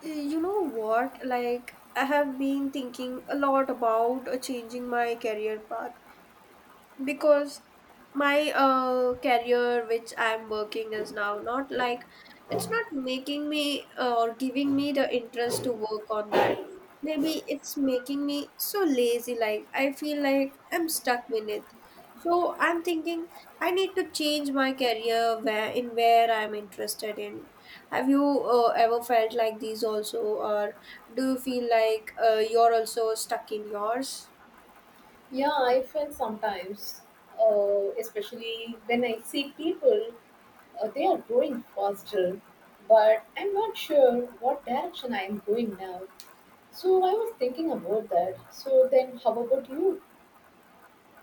You know what? Like, I have been thinking a lot about changing my career path because my career which I'm working is now not like, it's not making me or giving me the interest to work on that. Maybe it's making me so lazy, like I feel like I'm stuck in it. So I'm thinking, I need to change my career where I'm interested in. Have you ever felt like these also, or do you feel like you're also stuck in yours? Yeah, I feel sometimes, especially when I see people, they are growing faster, but I'm not sure what direction I am going now. So I was thinking about that. So then, how about you?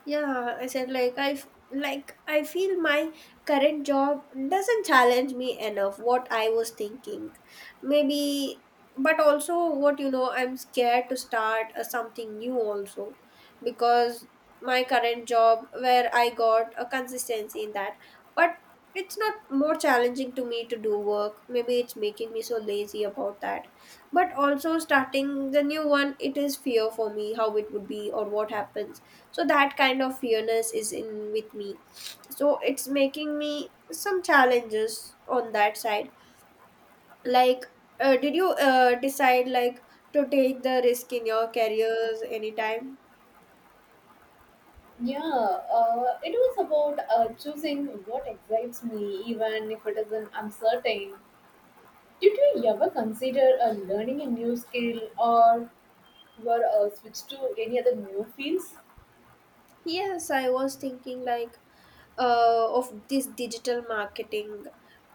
Yeah, I said like like I feel my current job doesn't challenge me enough, what I was thinking. Maybe, but also what, you know, I'm scared to start something new also, because my current job, where I got a consistency in that, but it's not more challenging to me to do work. Maybe it's making me so lazy about that. But also starting the new one, it is fear for me, how it would be or what happens. So that kind of fearness is in with me, so it's making me some challenges on that side. Like, did you decide like to take the risk in your careers anytime? Yeah, it was about choosing what excites me, even if it is an uncertain. Did you ever consider learning a new skill or were switch to any other new fields? Yes, I was thinking like, of this digital marketing,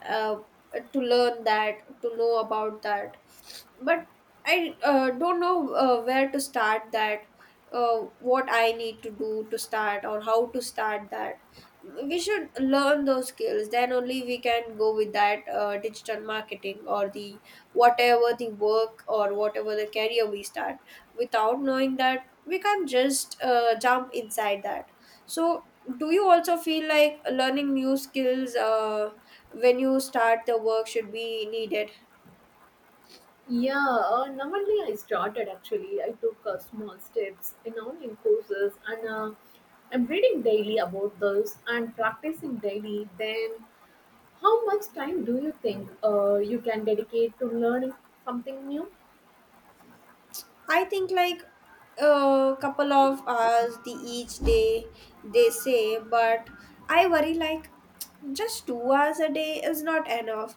uh, to learn that, to know about that. But I don't know where to start that, what I need to do to start, or how to start that. We should learn those skills, then only we can go with that digital marketing, or the whatever the work or whatever the career we start. Without knowing that, we can't just jump inside that. So, do you also feel like learning new skills when you start the work should be needed? Yeah, not I started actually, I took small steps in online courses and I'm reading daily about those and practicing daily. Then, how much time do you think you can dedicate to learning something new? I think like a couple of hours the each day, they say, but I worry like just 2 hours a day is not enough,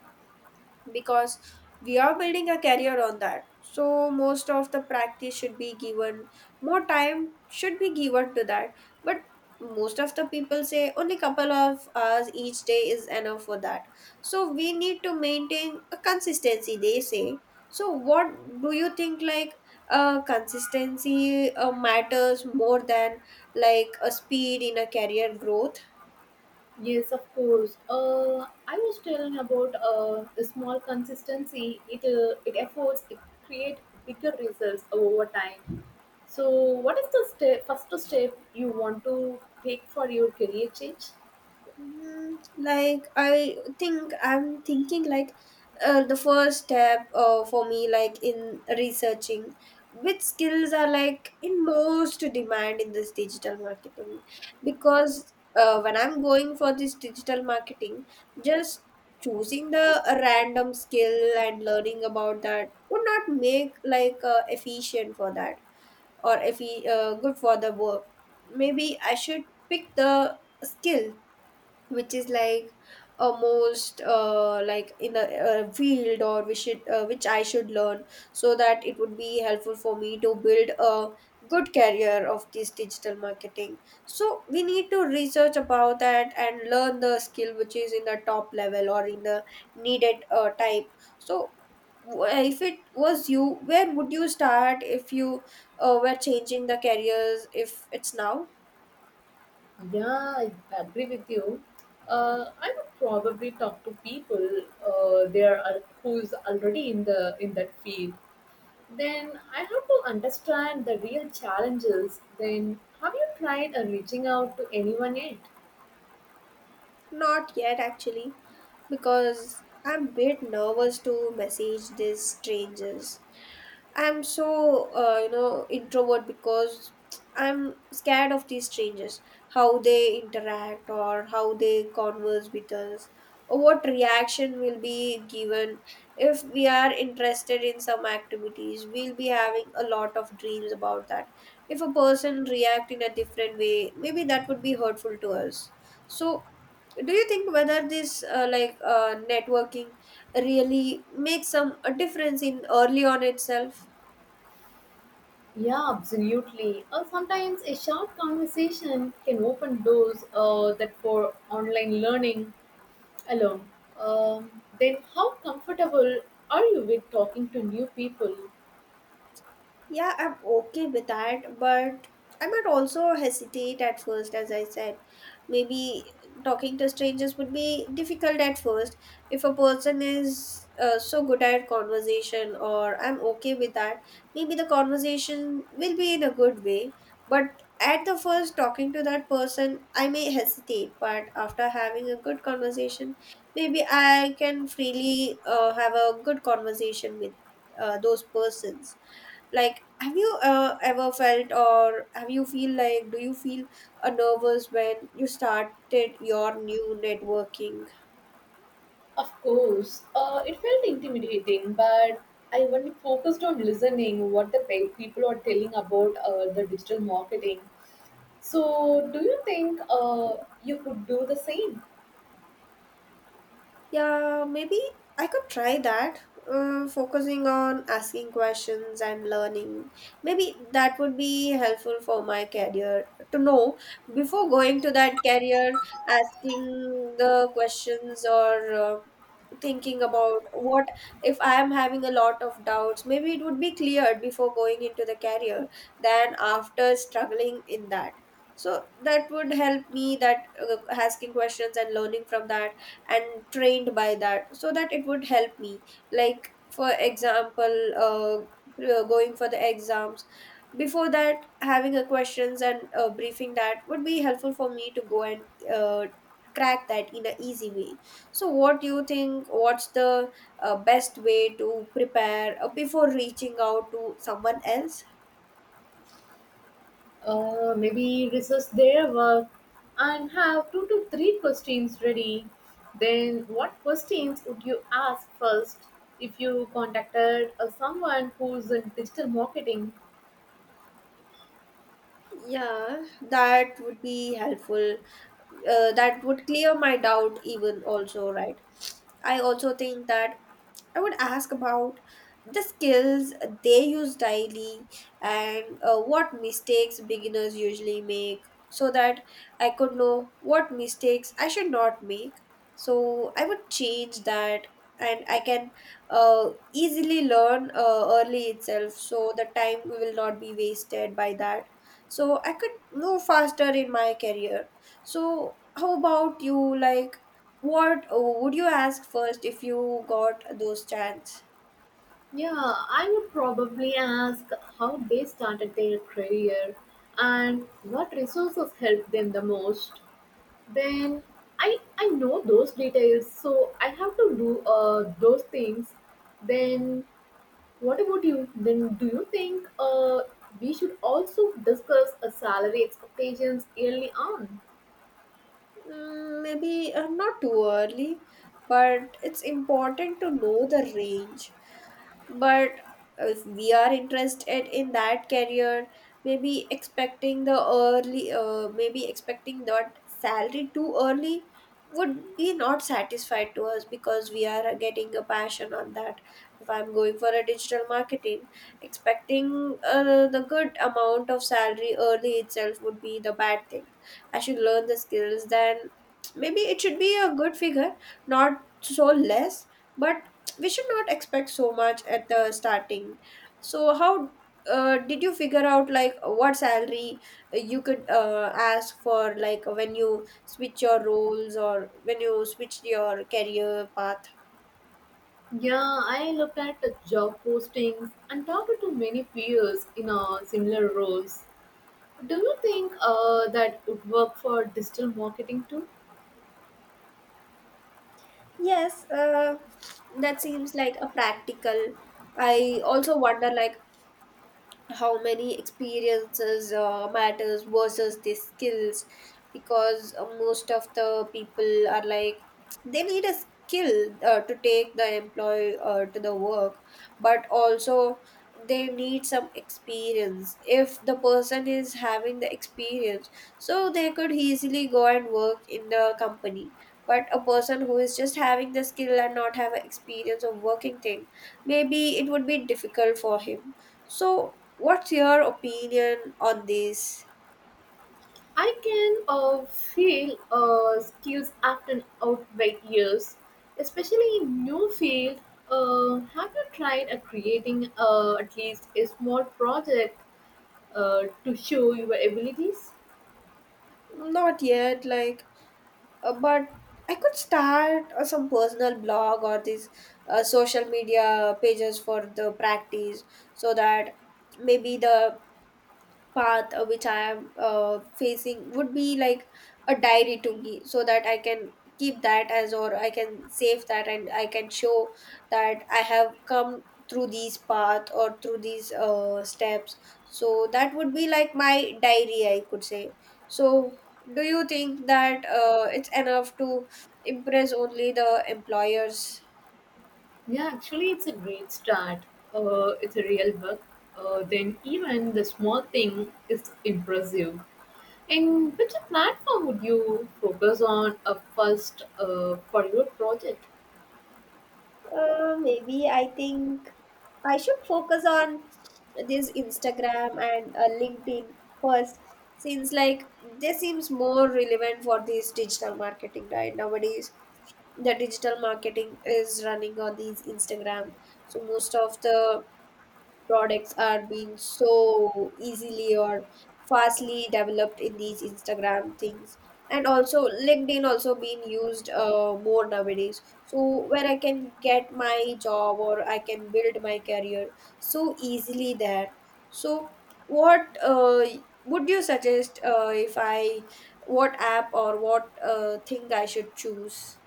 because we are building a career on that, so most of the practice should be given, more time should be given to that. But most of the people say only couple of hours each day is enough for that, so we need to maintain a consistency, they say. So what do you think, like, consistency matters more than like a speed in a career growth? Yes, of course. I was telling about the small consistency, it efforts, it create bigger results over time. So, what is the step, first step you want to take for your career change? Hmm. Like, I think I'm thinking like, the first step for me, like in researching which skills are like in most demand in this digital marketing. Because when I'm going for this digital marketing, just choosing the random skill and learning about that would not make like efficient for that, or if good for the work. Maybe I should pick the skill which is like almost like in a field, or we should which I should learn, so that it would be helpful for me to build a good career of this digital marketing. So we need to research about that and learn the skill which is in the top level or in the needed type. So if it was you, where would you start if you were changing the careers if it's now? Yeah, I agree with you. I would probably talk to people, who's already in the in that field. Then I have to understand the real challenges. Then have you tried reaching out to anyone yet? Not yet, actually, because I'm a bit nervous to message these strangers. I'm so introvert, because I'm scared of these strangers, how they interact or how they converse with us, or what reaction will be given if we are interested in some activities. We'll be having a lot of dreams about that. If a person react in a different way, maybe that would be hurtful to us. So, do you think whether this like networking really makes some a difference in early on itself? Yeah, absolutely. Or sometimes a short conversation can open doors that for online learning alone. Then how comfortable are you with talking to new people? Yeah, I'm okay with that, but I might also hesitate at first, as I said. Maybe talking to strangers would be difficult at first. If a person is so good at conversation, or I'm okay with that, maybe the conversation will be in a good way. But at the first, talking to that person, I may hesitate, but after having a good conversation, maybe I can freely have a good conversation with those persons. Like, have you ever felt, or have you feel like, do you feel nervous when you started your new networking? Of course, it felt intimidating, but I only focused on listening what the people are telling about the digital marketing. So, do you think you could do the same? Yeah, maybe I could try that. Focusing on asking questions and learning. Maybe that would be helpful for my career, to know before going to that career, asking the questions or thinking about what if I am having a lot of doubts. Maybe it would be cleared before going into the career than after struggling in that. So that would help me that, asking questions and learning from that, and trained by that, so that it would help me. Like for example, going for the exams, before that having a questions and briefing, that would be helpful for me to go and uh, crack that in an easy way. So what do you think, what's the best way to prepare before reaching out to someone else? Maybe research their work and have two to three questions ready. Then, what questions would you ask first if you contacted someone who's in digital marketing? Yeah, that would be helpful. Uh, that would clear my doubt even also, right? I also think that. I would ask about the skills they use daily, and what mistakes beginners usually make, so that I could know what mistakes I should not make. So I would change that, and I can easily learn early itself, so the time will not be wasted by that. So I could move faster in my career. So how about you, like, what oh, would you ask first if you got those chance? Yeah, I would probably ask how they started their career and what resources helped them the most. Then I know those details, so I have to do those things. Then what about you? Then do you think we should also discuss salary expectations early on? Mm, maybe not too early, but it's important to know the range. But if we are interested in that career, maybe expecting the early maybe expecting that salary too early would be not satisfied to us, because we are getting a passion on that. If I'm going for a digital marketing, expecting the good amount of salary early itself would be the bad thing. I should learn the skills, then maybe it should be a good figure, not so less. But we should not expect so much at the starting. So how did you figure out like what salary you could ask for, like when you switch your roles or when you switch your career path? Yeah, I looked at the job postings and talked to many peers in similar roles. Do you think that would work for digital marketing too? Yes, that seems like a practical. I also wonder like how many experiences matters versus the skills. Because most of the people are like, they need a skill to take the employee to the work, but also they need some experience. If the person is having the experience, so they could easily go and work in the company. But a person who is just having the skill and not have a experience of working thing, maybe it would be difficult for him. So, what's your opinion on this? I can feel skills often outweigh years, especially in new field. Have you tried creating at least a small project to show your abilities? Not yet, like, but I could start some personal blog or these social media pages for the practice, so that maybe the path which I am facing would be like a diary to me, so that I can keep that as, or I can save that and I can show that I have come through these path or through these steps. So that would be like my diary, I could say. So do you think that it's enough to impress only the employers? Yeah, actually, it's a great start. It's a real work. Then even the small thing is impressive. And which platform would you focus on first for your project? Maybe I think I should focus on this Instagram and LinkedIn first, since like this seems more relevant for this digital marketing, right? Nowadays, the digital marketing is running on these Instagram, so most of the products are being so easily or fastly developed in these Instagram things. And also LinkedIn also being used more nowadays. So where I can get my job or I can build my career so easily there. So what would you suggest if I, what app or what thing I should choose?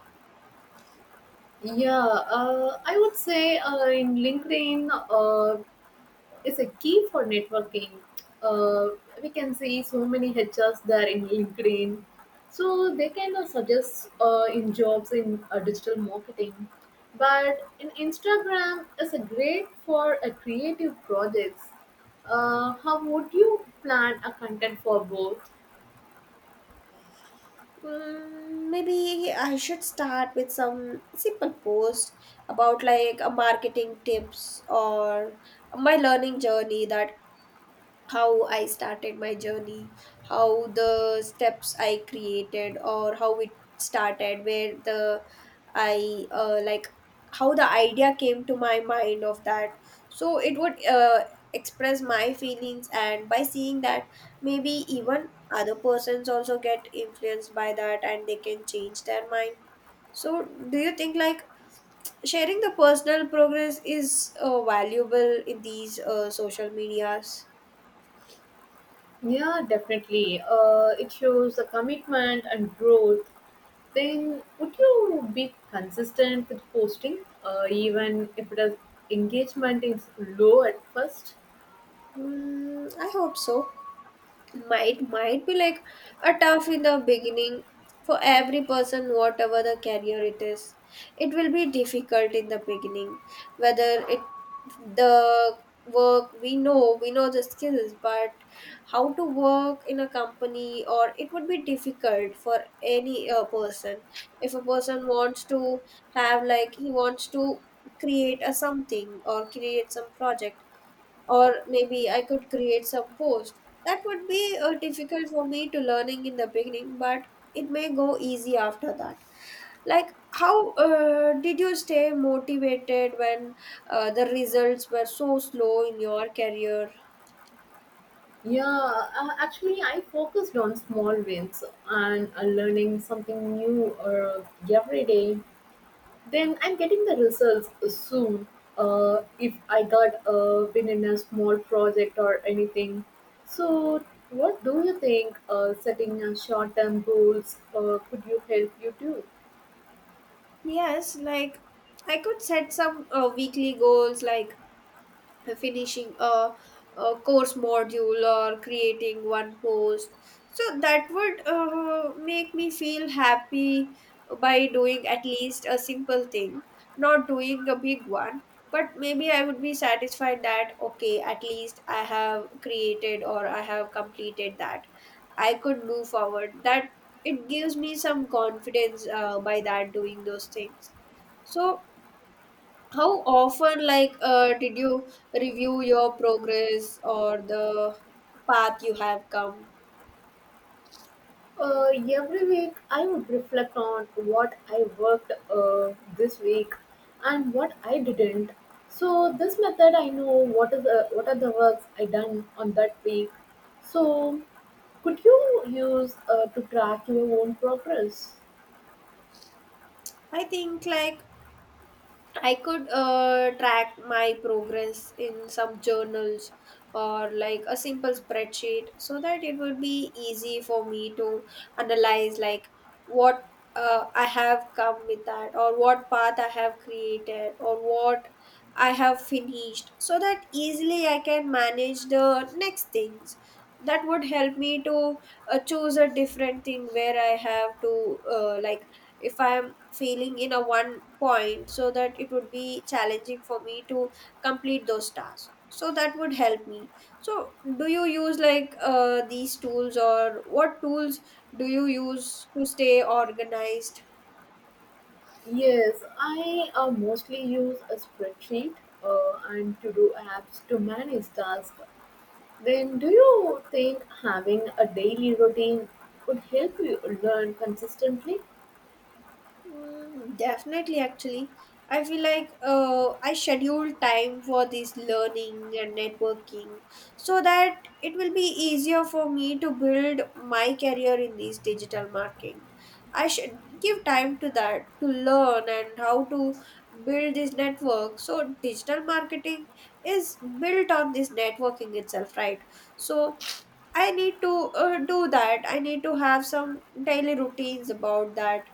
Yeah, I would say in LinkedIn is a key for networking. Uh, we can see so many HRs there in LinkedIn, so they can suggest in jobs in digital marketing. But in Instagram is a great for a creative projects. How would you plan a content for both? Mm, maybe I should start with some simple post about like a marketing tips or my learning journey, that how I started my journey, how the steps I created, or how it started, where the I like how the idea came to my mind of that. So it would express my feelings, and by seeing that, maybe even other persons also get influenced by that and they can change their mind. So, do you think like sharing the personal progress is valuable in these social medias? Yeah, definitely. It shows a commitment and growth. Then, would you be consistent with posting, even if the engagement is low at first? Mm, I hope so. Might be like a tough in the beginning for every person whatever the career it is, it will be difficult in the beginning, whether it the work, we know the skills, but how to work in a company, or it would be difficult for any person. If a person wants to have, like, he wants to create a something or create some project, or maybe I could create some post. That would be difficult for me to learning in the beginning, but it may go easy after that. Like, how did you stay motivated when the results were so slow in your career? Yeah, actually, I focused on small wins and learning something new every day. Then I'm getting the results soon. If I got a been in a small project or anything. So, what do you think setting short term goals could you help you do? Yes, like, I could set some weekly goals like finishing a course module or creating one post, so that would make me feel happy by doing at least a simple thing, not doing a big one, but maybe I would be satisfied that okay, at least I have created or I have completed that, I could move forward that, it gives me some confidence by that doing those things. So how often, like, did you review your progress or the path you have come? Uh, every week, I would reflect on what I worked this week and what I didn't. So, this method, I know what are the works I done on that week. So, could you use to track your own progress? I think, like, I could track my progress in some journals or like a simple spreadsheet, so that it would be easy for me to analyze, like, what I have come with that, or what path I have created, or what I have finished, so that easily I can manage the next things. That would help me to choose a different thing where I have to, like, if I am failing in a one point, so that it would be challenging for me to complete those tasks, so that would help me. So do you use like these tools, or what tools do you use to stay organized? Yes, I mostly use a spreadsheet and to-do apps to manage tasks. Then, do you think having a daily routine would help you learn consistently? Mm, definitely, actually. I feel like I schedule time for this learning and networking, so that it will be easier for me to build my career in this digital marketing. I should give time to that, to learn and how to build this network. So, digital marketing is built on this networking itself, right? So, I need to do that. I need to have some daily routines about that.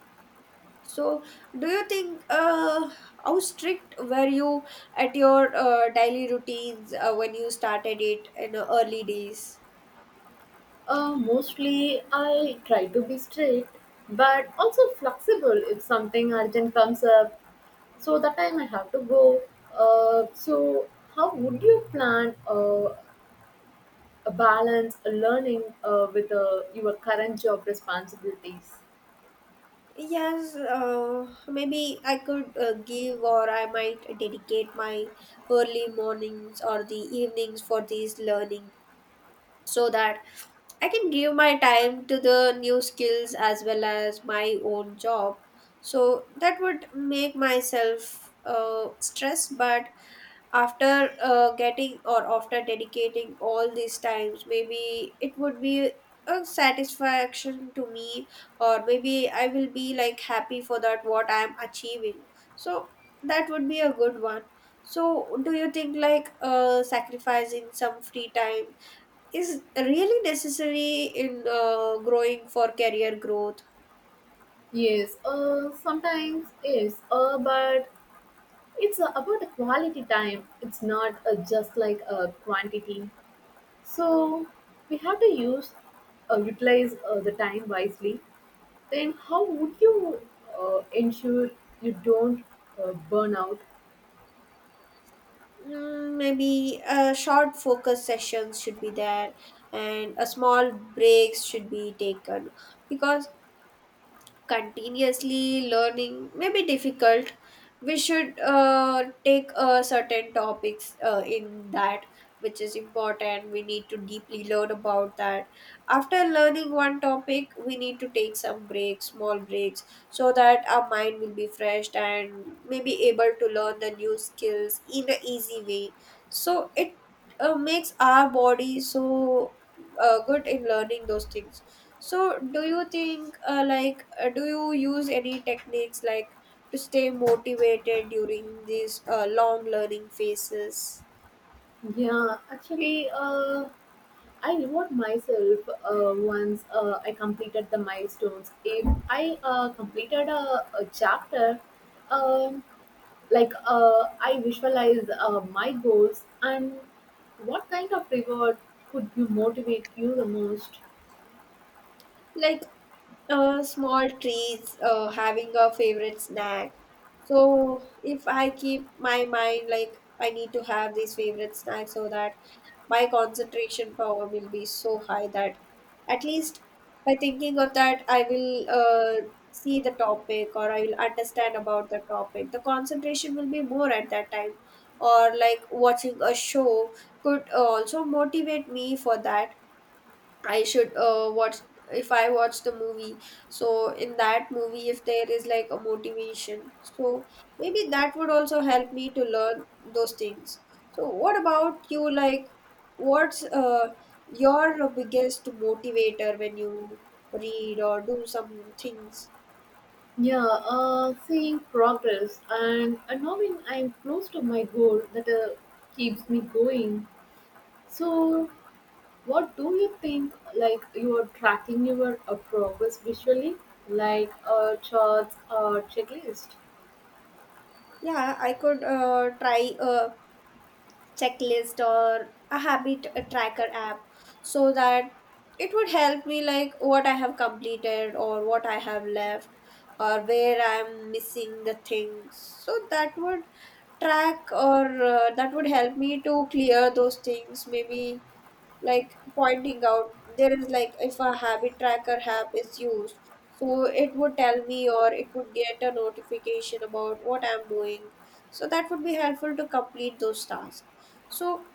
So, do you think how strict were you at your daily routines when you started it in the early days? Mostly, I try to be strict, but also flexible if something urgent comes up. So that time I have to go. So, how would you plan a balance a learning with your current job responsibilities? Yes, maybe I could give, or I might dedicate my early mornings or the evenings for these learning, so that I can give my time to the new skills as well as my own job. So that would make myself stressed, but after getting or after dedicating all these times, maybe it would be a satisfaction to me, or maybe I will be like happy for that, what I am achieving. So that would be a good one. So do you think like sacrificing some free time is really necessary in growing for career growth? Yes, sometimes yes, but it's about the quality time. It's not just like a quantity. So we have to use, utilize the time wisely. Then how would you ensure you don't burn out? Mm, maybe a short focus sessions should be there, and a small breaks should be taken, because continuously learning may be difficult. We should take certain topics in that, which is important. We need to deeply learn about that. After learning one topic, we need to take some breaks, small breaks, so that our mind will be fresh and may be able to learn the new skills in an easy way. So it makes our body so good in learning those things. So, do you think, like, do you use any techniques like to stay motivated during these long learning phases? Yeah, actually, I reward myself once I completed the milestones. If I completed a chapter, um, like I visualize my goals, and what kind of reward could you motivate you the most? Like, small treats, having a favorite snack. So if I keep my mind like I need to have these favorite snacks, so that my concentration power will be so high that at least by thinking of that I will, see the topic or I will understand about the topic. The concentration will be more at that time. Or like watching a show could also motivate me for that. I should watch, if I watch the movie. So in that movie, if there is like a motivation, so maybe that would also help me to learn those things. So what about you? Like, what's your biggest motivator when you read or do some things? Yeah, seeing progress and knowing I'm close to my goal, that keeps me going. So what do you think, like, you are tracking your progress visually, like charts or checklist? Yeah, I could try. Checklist or a habit a tracker app, so that it would help me like what I have completed or what I have left, or where I'm missing the things, so that would track, or that would help me to clear those things maybe, like pointing out. There is like, if a habit tracker app is used, so it would tell me, or it would get a notification about what I'm doing, so that would be helpful to complete those tasks. So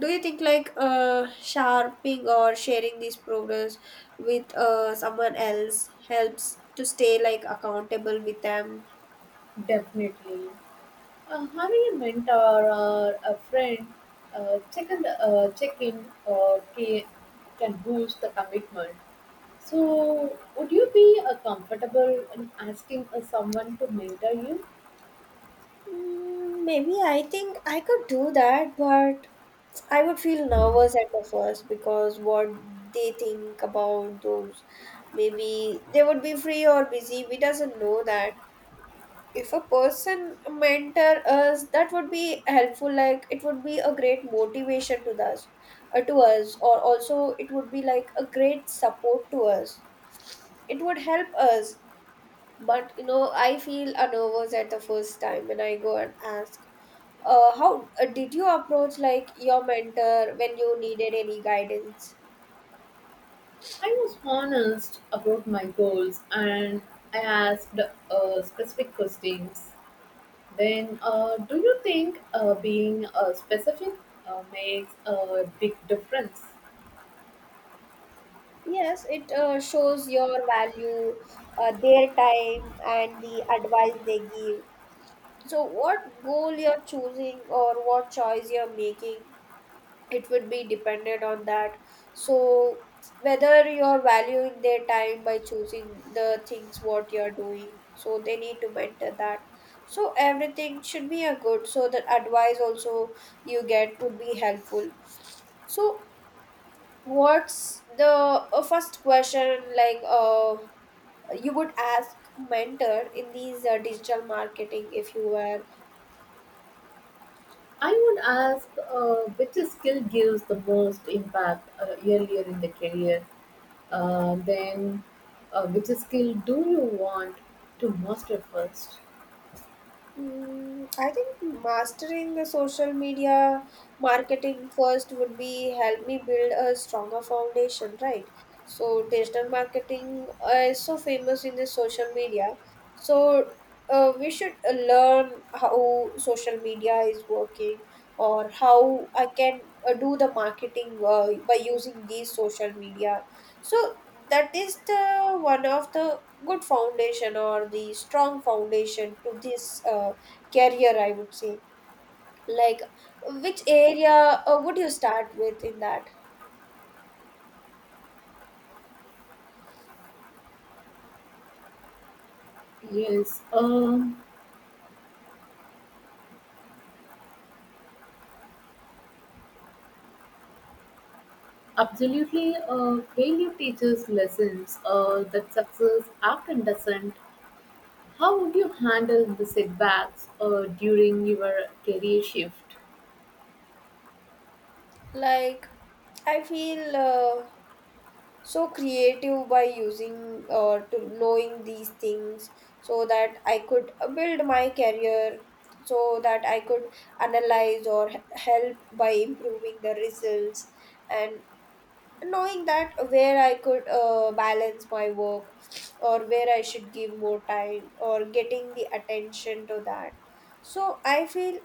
do you think like, uh, sharping or sharing this progress with uh, someone else helps to stay like accountable with them? Definitely. Having a mentor or a friend uh, check in, uh, check in uh, ca- can boost the commitment. So, would you be comfortable in asking someone to mentor you? Mm, maybe I think I could do that, but I would feel nervous at the first because what they think about those. Maybe they would be free or busy. We doesn't know that. If a person mentor us, that would be helpful. Like, it would be a great motivation to us, or also it would be like a great support to us. It would help us. But you know, I feel nervous at the first time when I go and ask how did you approach like your mentor when you needed any guidance? I was honest about my goals and I asked specific questions. Then, do you think being specific makes a big difference? Yes, it shows your value, their time, and the advice they give. So, what goal you're choosing or what choice you're making, it would be dependent on that. So whether you're valuing their time by choosing the things what you're doing, so they need to mentor that. So everything should be a good, so the advice also you get would be helpful. So what's the first question like you would ask mentor in these digital marketing if you were? I would ask which skill gives the most impact earlier in the career, then which skill do you want to master first? Mm, I think mastering the social media marketing first would be help me build a stronger foundation, right? So digital marketing is so famous in the social media. So we should learn how social media is working, or how I can do the marketing by using these social media. So that is the one of the good foundation or the strong foundation to this career, I would say. Like, which area would you start with in that? Yes, absolutely. Failure teaches lessons that success often doesn't. How would you handle the setbacks during your career shift? Like, I feel so creative by using or to knowing these things, so that I could build my career, so that I could analyze or help by improving the results, and knowing that where I could balance my work, or where I should give more time or getting the attention to that. So I feel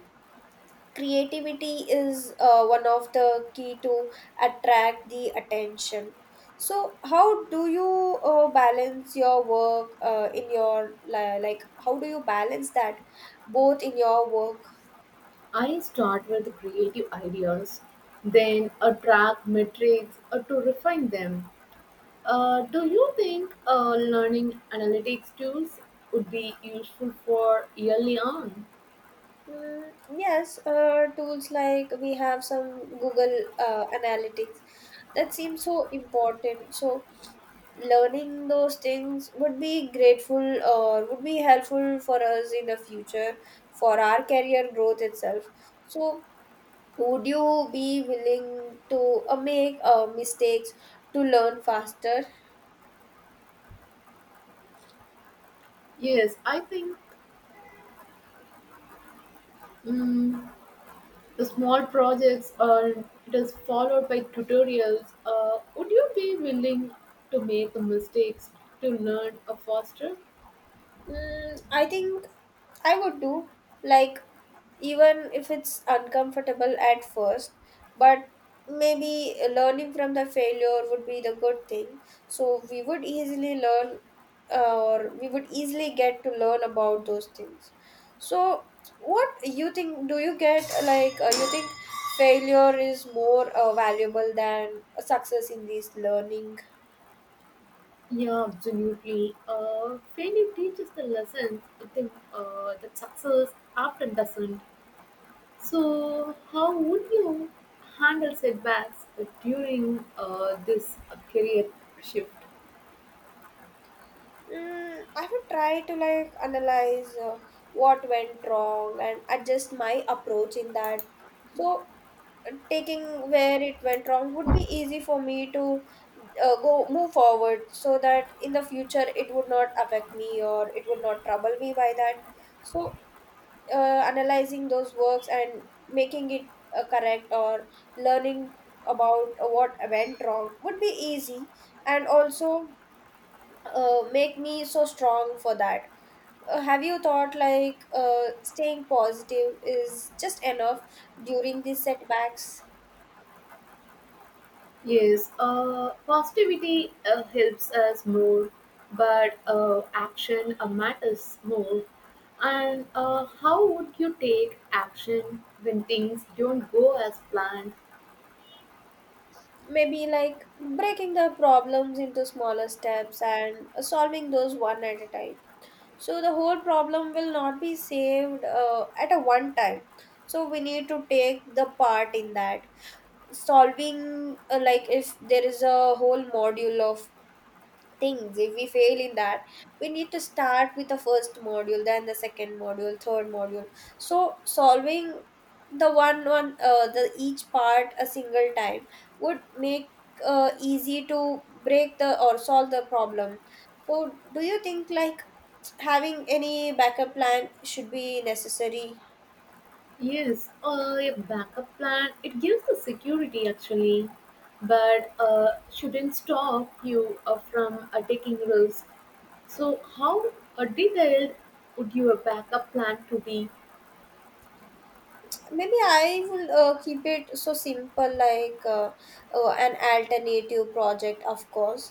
creativity is one of the key to attract the attention. So how do you balance your work in your like, how do you balance that both in your work? I start with creative ideas, then a track metrics to refine them. Do you think learning analytics tools would be useful for early on? Mm, yes, tools like we have some Google Analytics, that seems so important. So learning those things would be grateful or would be helpful for us in the future for our career growth itself. So would you be willing to make mistakes to learn faster? Yes, I think mm the small projects are it is followed by tutorials. Would you be willing to make the mistakes to learn faster? Mm, I think I would do, like, even if it's uncomfortable at first, but maybe learning from the failure would be the good thing. So we would easily learn, or we would easily get to learn about those things. So what you think? Do you get like, you think failure is more valuable than success in this learning? Yeah, absolutely. Failing teaches the lessons. I think that success often doesn't. So, how would you handle setbacks during this career shift? Mm, I would try to like analyze what went wrong and adjust my approach in that. So, taking where it went wrong would be easy for me to go move forward, so that in the future it would not affect me or it would not trouble me by that. So, uh, analyzing those works and making it correct or learning about what went wrong would be easy, and also make me so strong for that. Have you thought like staying positive is just enough during these setbacks? Yes, positivity helps us more, but action matters more. And how would you take action when things don't go as planned? Maybe like breaking the problems into smaller steps and solving those one at a time. So the whole problem will not be saved at a one time. So we need to take the part in that solving, like if there is a whole module of things, if we fail in that, we need to start with the first module, then the second module, third module. So solving the one one the each part a single time would make easy to break the or solve the problem. So do you think, like, having any backup plan should be necessary? Yes, a backup plan, it gives the security actually, but shouldn't stop you from taking risks. So, how detailed would your backup plan to be? Maybe I will keep it so simple, like, an alternative project, of course.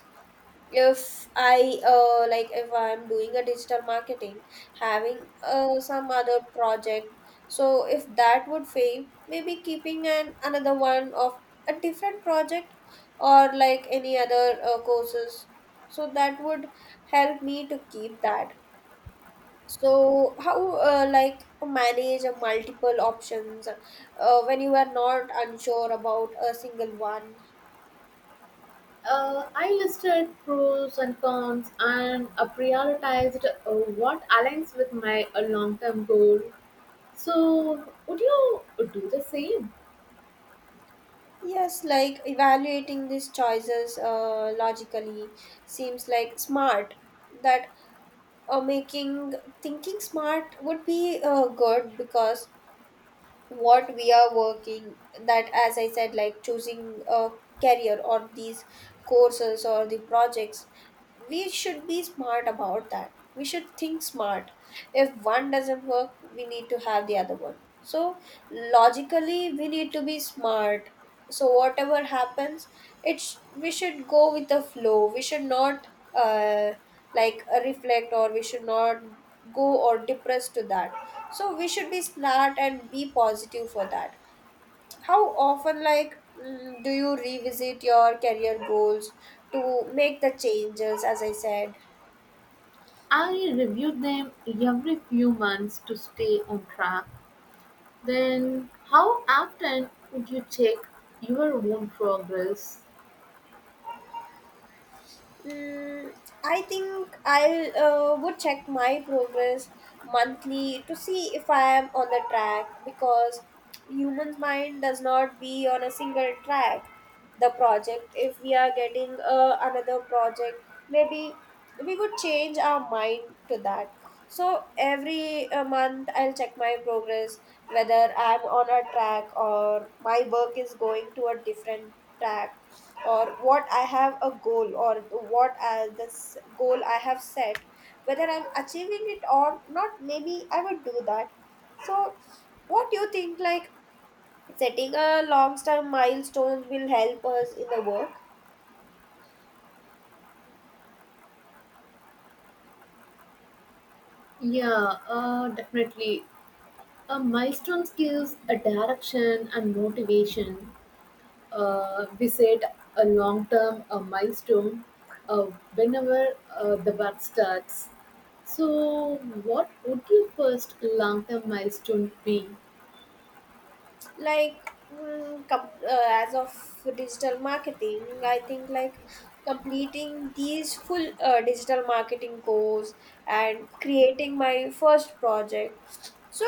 If I'm doing a digital marketing, having some other project. So if that would fail, maybe keeping an another one of a different project, or like any other courses. So that would help me to keep that. So how, like, manage a multiple options when you are not unsure about a single one? I listed pros and cons and prioritized what aligns with my long-term goal. So, would you do the same? Yes, like evaluating these choices logically seems like smart. That making thinking smart would be good, because what we are working, that, as I said, like choosing a career or these courses or the projects, we should be smart about that, we should think smart. If one doesn't work, we need to have the other one. So logically we need to be smart. So whatever happens, it, we should go with the flow, we should not uh, reflect, or we should not go or depressed to that. So we should be smart and be positive for that. How often, like, do you revisit your career goals to make the changes, as I said? I reviewed them every few months to stay on track. Then, how often would you check your own progress? Mm, I think I'll would check my progress monthly to see if I am on the track, because human's mind does not be on a single track. The project, if we are getting another project, maybe we could change our mind to that. So every month I'll check my progress, whether I'm on a track or my work is going to a different track, or what I have a goal, or what I, this goal I have set, whether I'm achieving it or not, maybe I would do that. So, what do you think? Like, setting a long-term milestones will help us in the work. Yeah, definitely. A milestone gives a direction and motivation. We set a long term a milestone uh, whenever the work starts. So, what would your first long term milestone be? As of digital marketing, I think, like, completing these full digital marketing course and creating my first project. So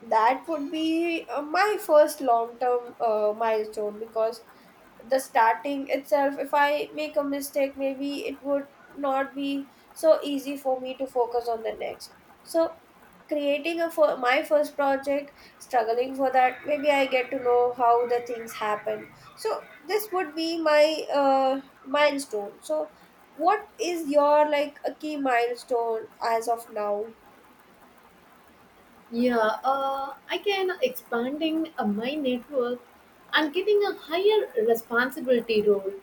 that would be my first long term milestone, because the starting itself, if I make a mistake, maybe it would not be so easy for me to focus on the next. So creating a for my first project, struggling for that, maybe I get to know how the things happen. So this would be my milestone. So what is your, like, a key milestone as of now? Yeah, I can expanding my network and getting a higher responsibility role.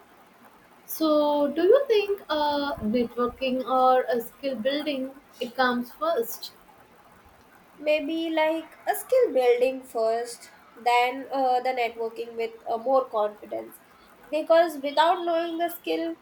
So, do you think networking or a skill building it comes first? Maybe, like, a skill building first, then the networking with more confidence. Because without knowing the skill,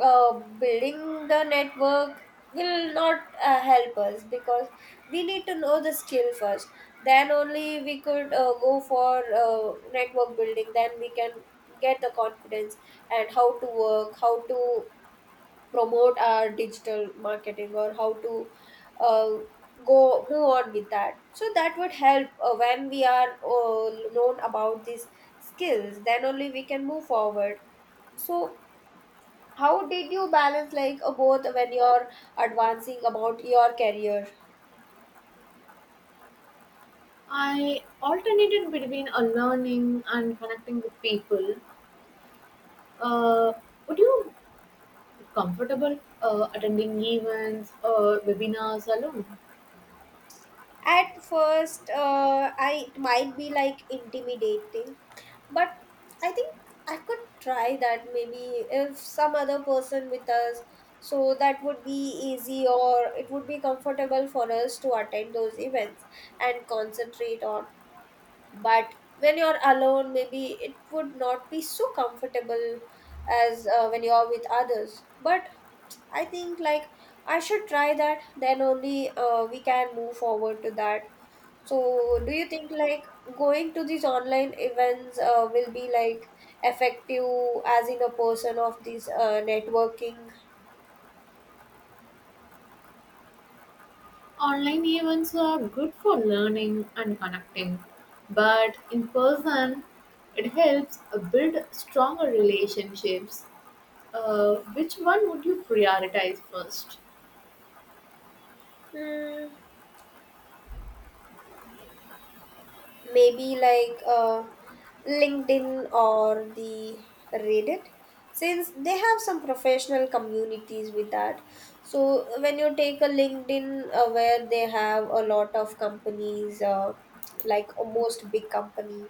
building the network will not help us, because we need to know the skill first. Then only we could go for network building, then we can get the confidence and how to work, how to promote our digital marketing or how to uh, go move on with that. So that would help when we are known about these skills, then only we can move forward. So how did you balance, like, both when you're advancing about your career? I alternated between a learning and connecting with people. Uh, would you be comfortable attending events or webinars alone? At first, I, it might be like intimidating, but I think I could try that, maybe if some other person with us. So that would be easy, or it would be comfortable for us to attend those events and concentrate on. But when you're alone, maybe it would not be so comfortable as when you're with others. But I think, like, I should try that, then only we can move forward to that. So do you think, like, going to these online events will be like effective as in a person of this networking? Online events are good for learning and connecting, but in person, it helps build stronger relationships. Which one would you prioritize first? Hmm, maybe, like, LinkedIn or the Reddit, since they have some professional communities with that. So when you take a LinkedIn, where they have a lot of companies, most big companies,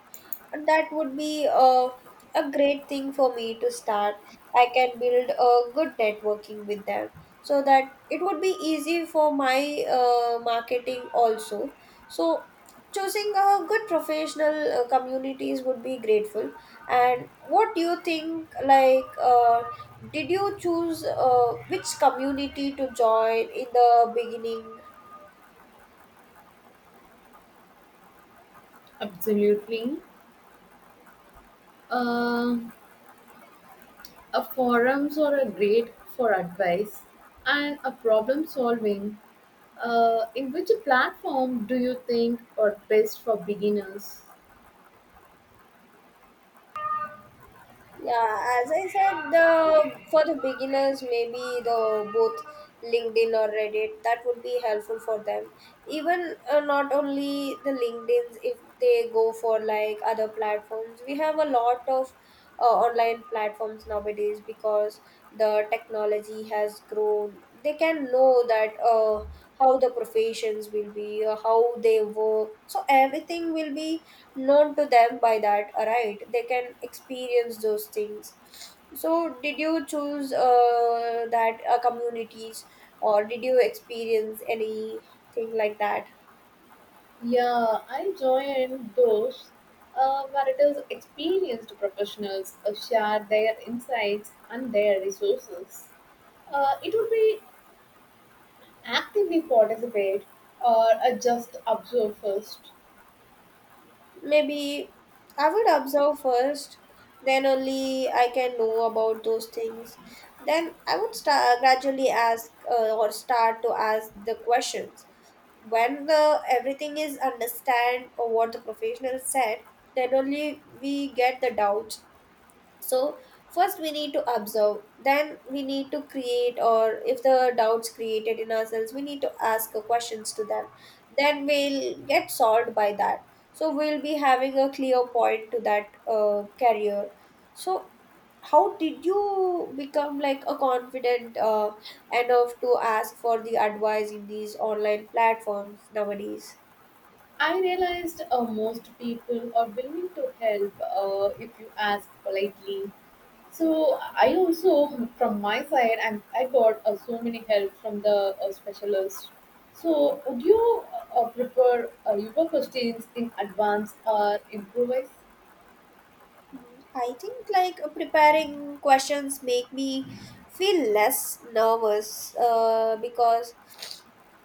that would be a great thing for me to start. I can build a good networking with them, so that it would be easy for my marketing also. So choosing a good professional communities would be grateful. And what do you think, like, did you choose which community to join in the beginning? Absolutely. Um A forums are a great for advice and a problem solving. In which platform do you think are best for beginners? Yeah, as I said, the for the beginners, maybe the both LinkedIn or Reddit, that would be helpful for them. Even not only the LinkedIn's, if they go for, like, other platforms, we have a lot of online platforms nowadays, because the technology has grown. They can know that, how the professions will be, how they work. So everything will be known to them by that, right, they can experience those things. So did you choose that communities, or did you experience anything like that? Yeah, I join those where it is experienced professionals share their insights and their resources. It would be actively participate, or just observe first. Maybe I would observe first, then only I can know about those things. Then I would start gradually ask, or start to ask the questions. When the everything is understand or what the professional said, then only we get the doubts. So first we need to observe, then we need to create. Or if the doubts created in ourselves, we need to ask questions to them, then we'll get solved by that. So we'll be having a clear point to that career. So how did you become, like, a confident enough to ask for the advice in these online platforms nowadays? I realized most people are willing to help if you ask politely. So I also, from my side, and I got so many help from the specialist. So would you prefer your questions in advance or improvise? I think, like, preparing questions make me feel less nervous, because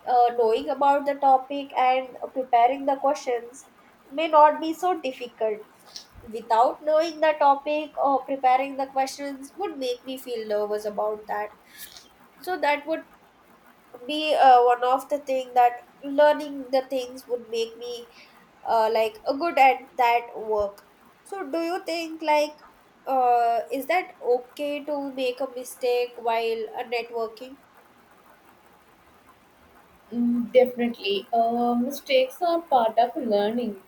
knowing about the topic and preparing the questions may not be so difficult. Without knowing the topic or preparing the questions would make me feel nervous about that. So that would be one of the thing that learning the things would make me like a good at that work. So do you think, like, is that okay to make a mistake while networking? Mm, definitely, mistakes are part of learning.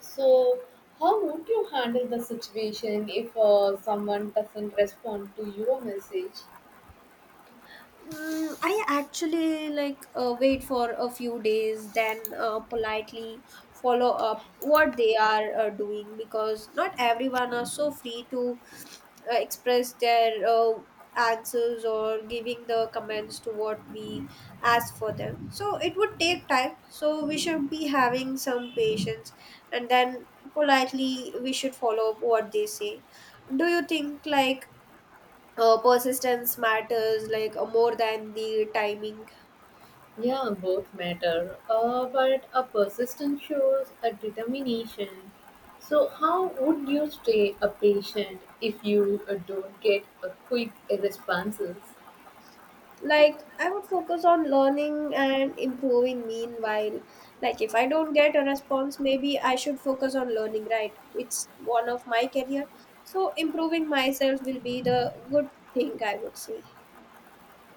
So how would you handle the situation if someone doesn't respond to your message? Mm, I actually, like, wait for a few days, then politely follow up what they are doing, because not everyone are so free to express their answers, or giving the comments to what we ask for them. So it would take time. So we should be having some patience, and then politely we should follow up what they say. Do you think, like, persistence matters, like, more than the timing? Yeah, both matter, but a persistence shows a determination. So, how would you stay a patient if you don't get a quick responses? Like, I would focus on learning and improving meanwhile. Like, if I don't get a response, maybe I should focus on learning, right, it's one of my career. So improving myself will be the good thing, I would say.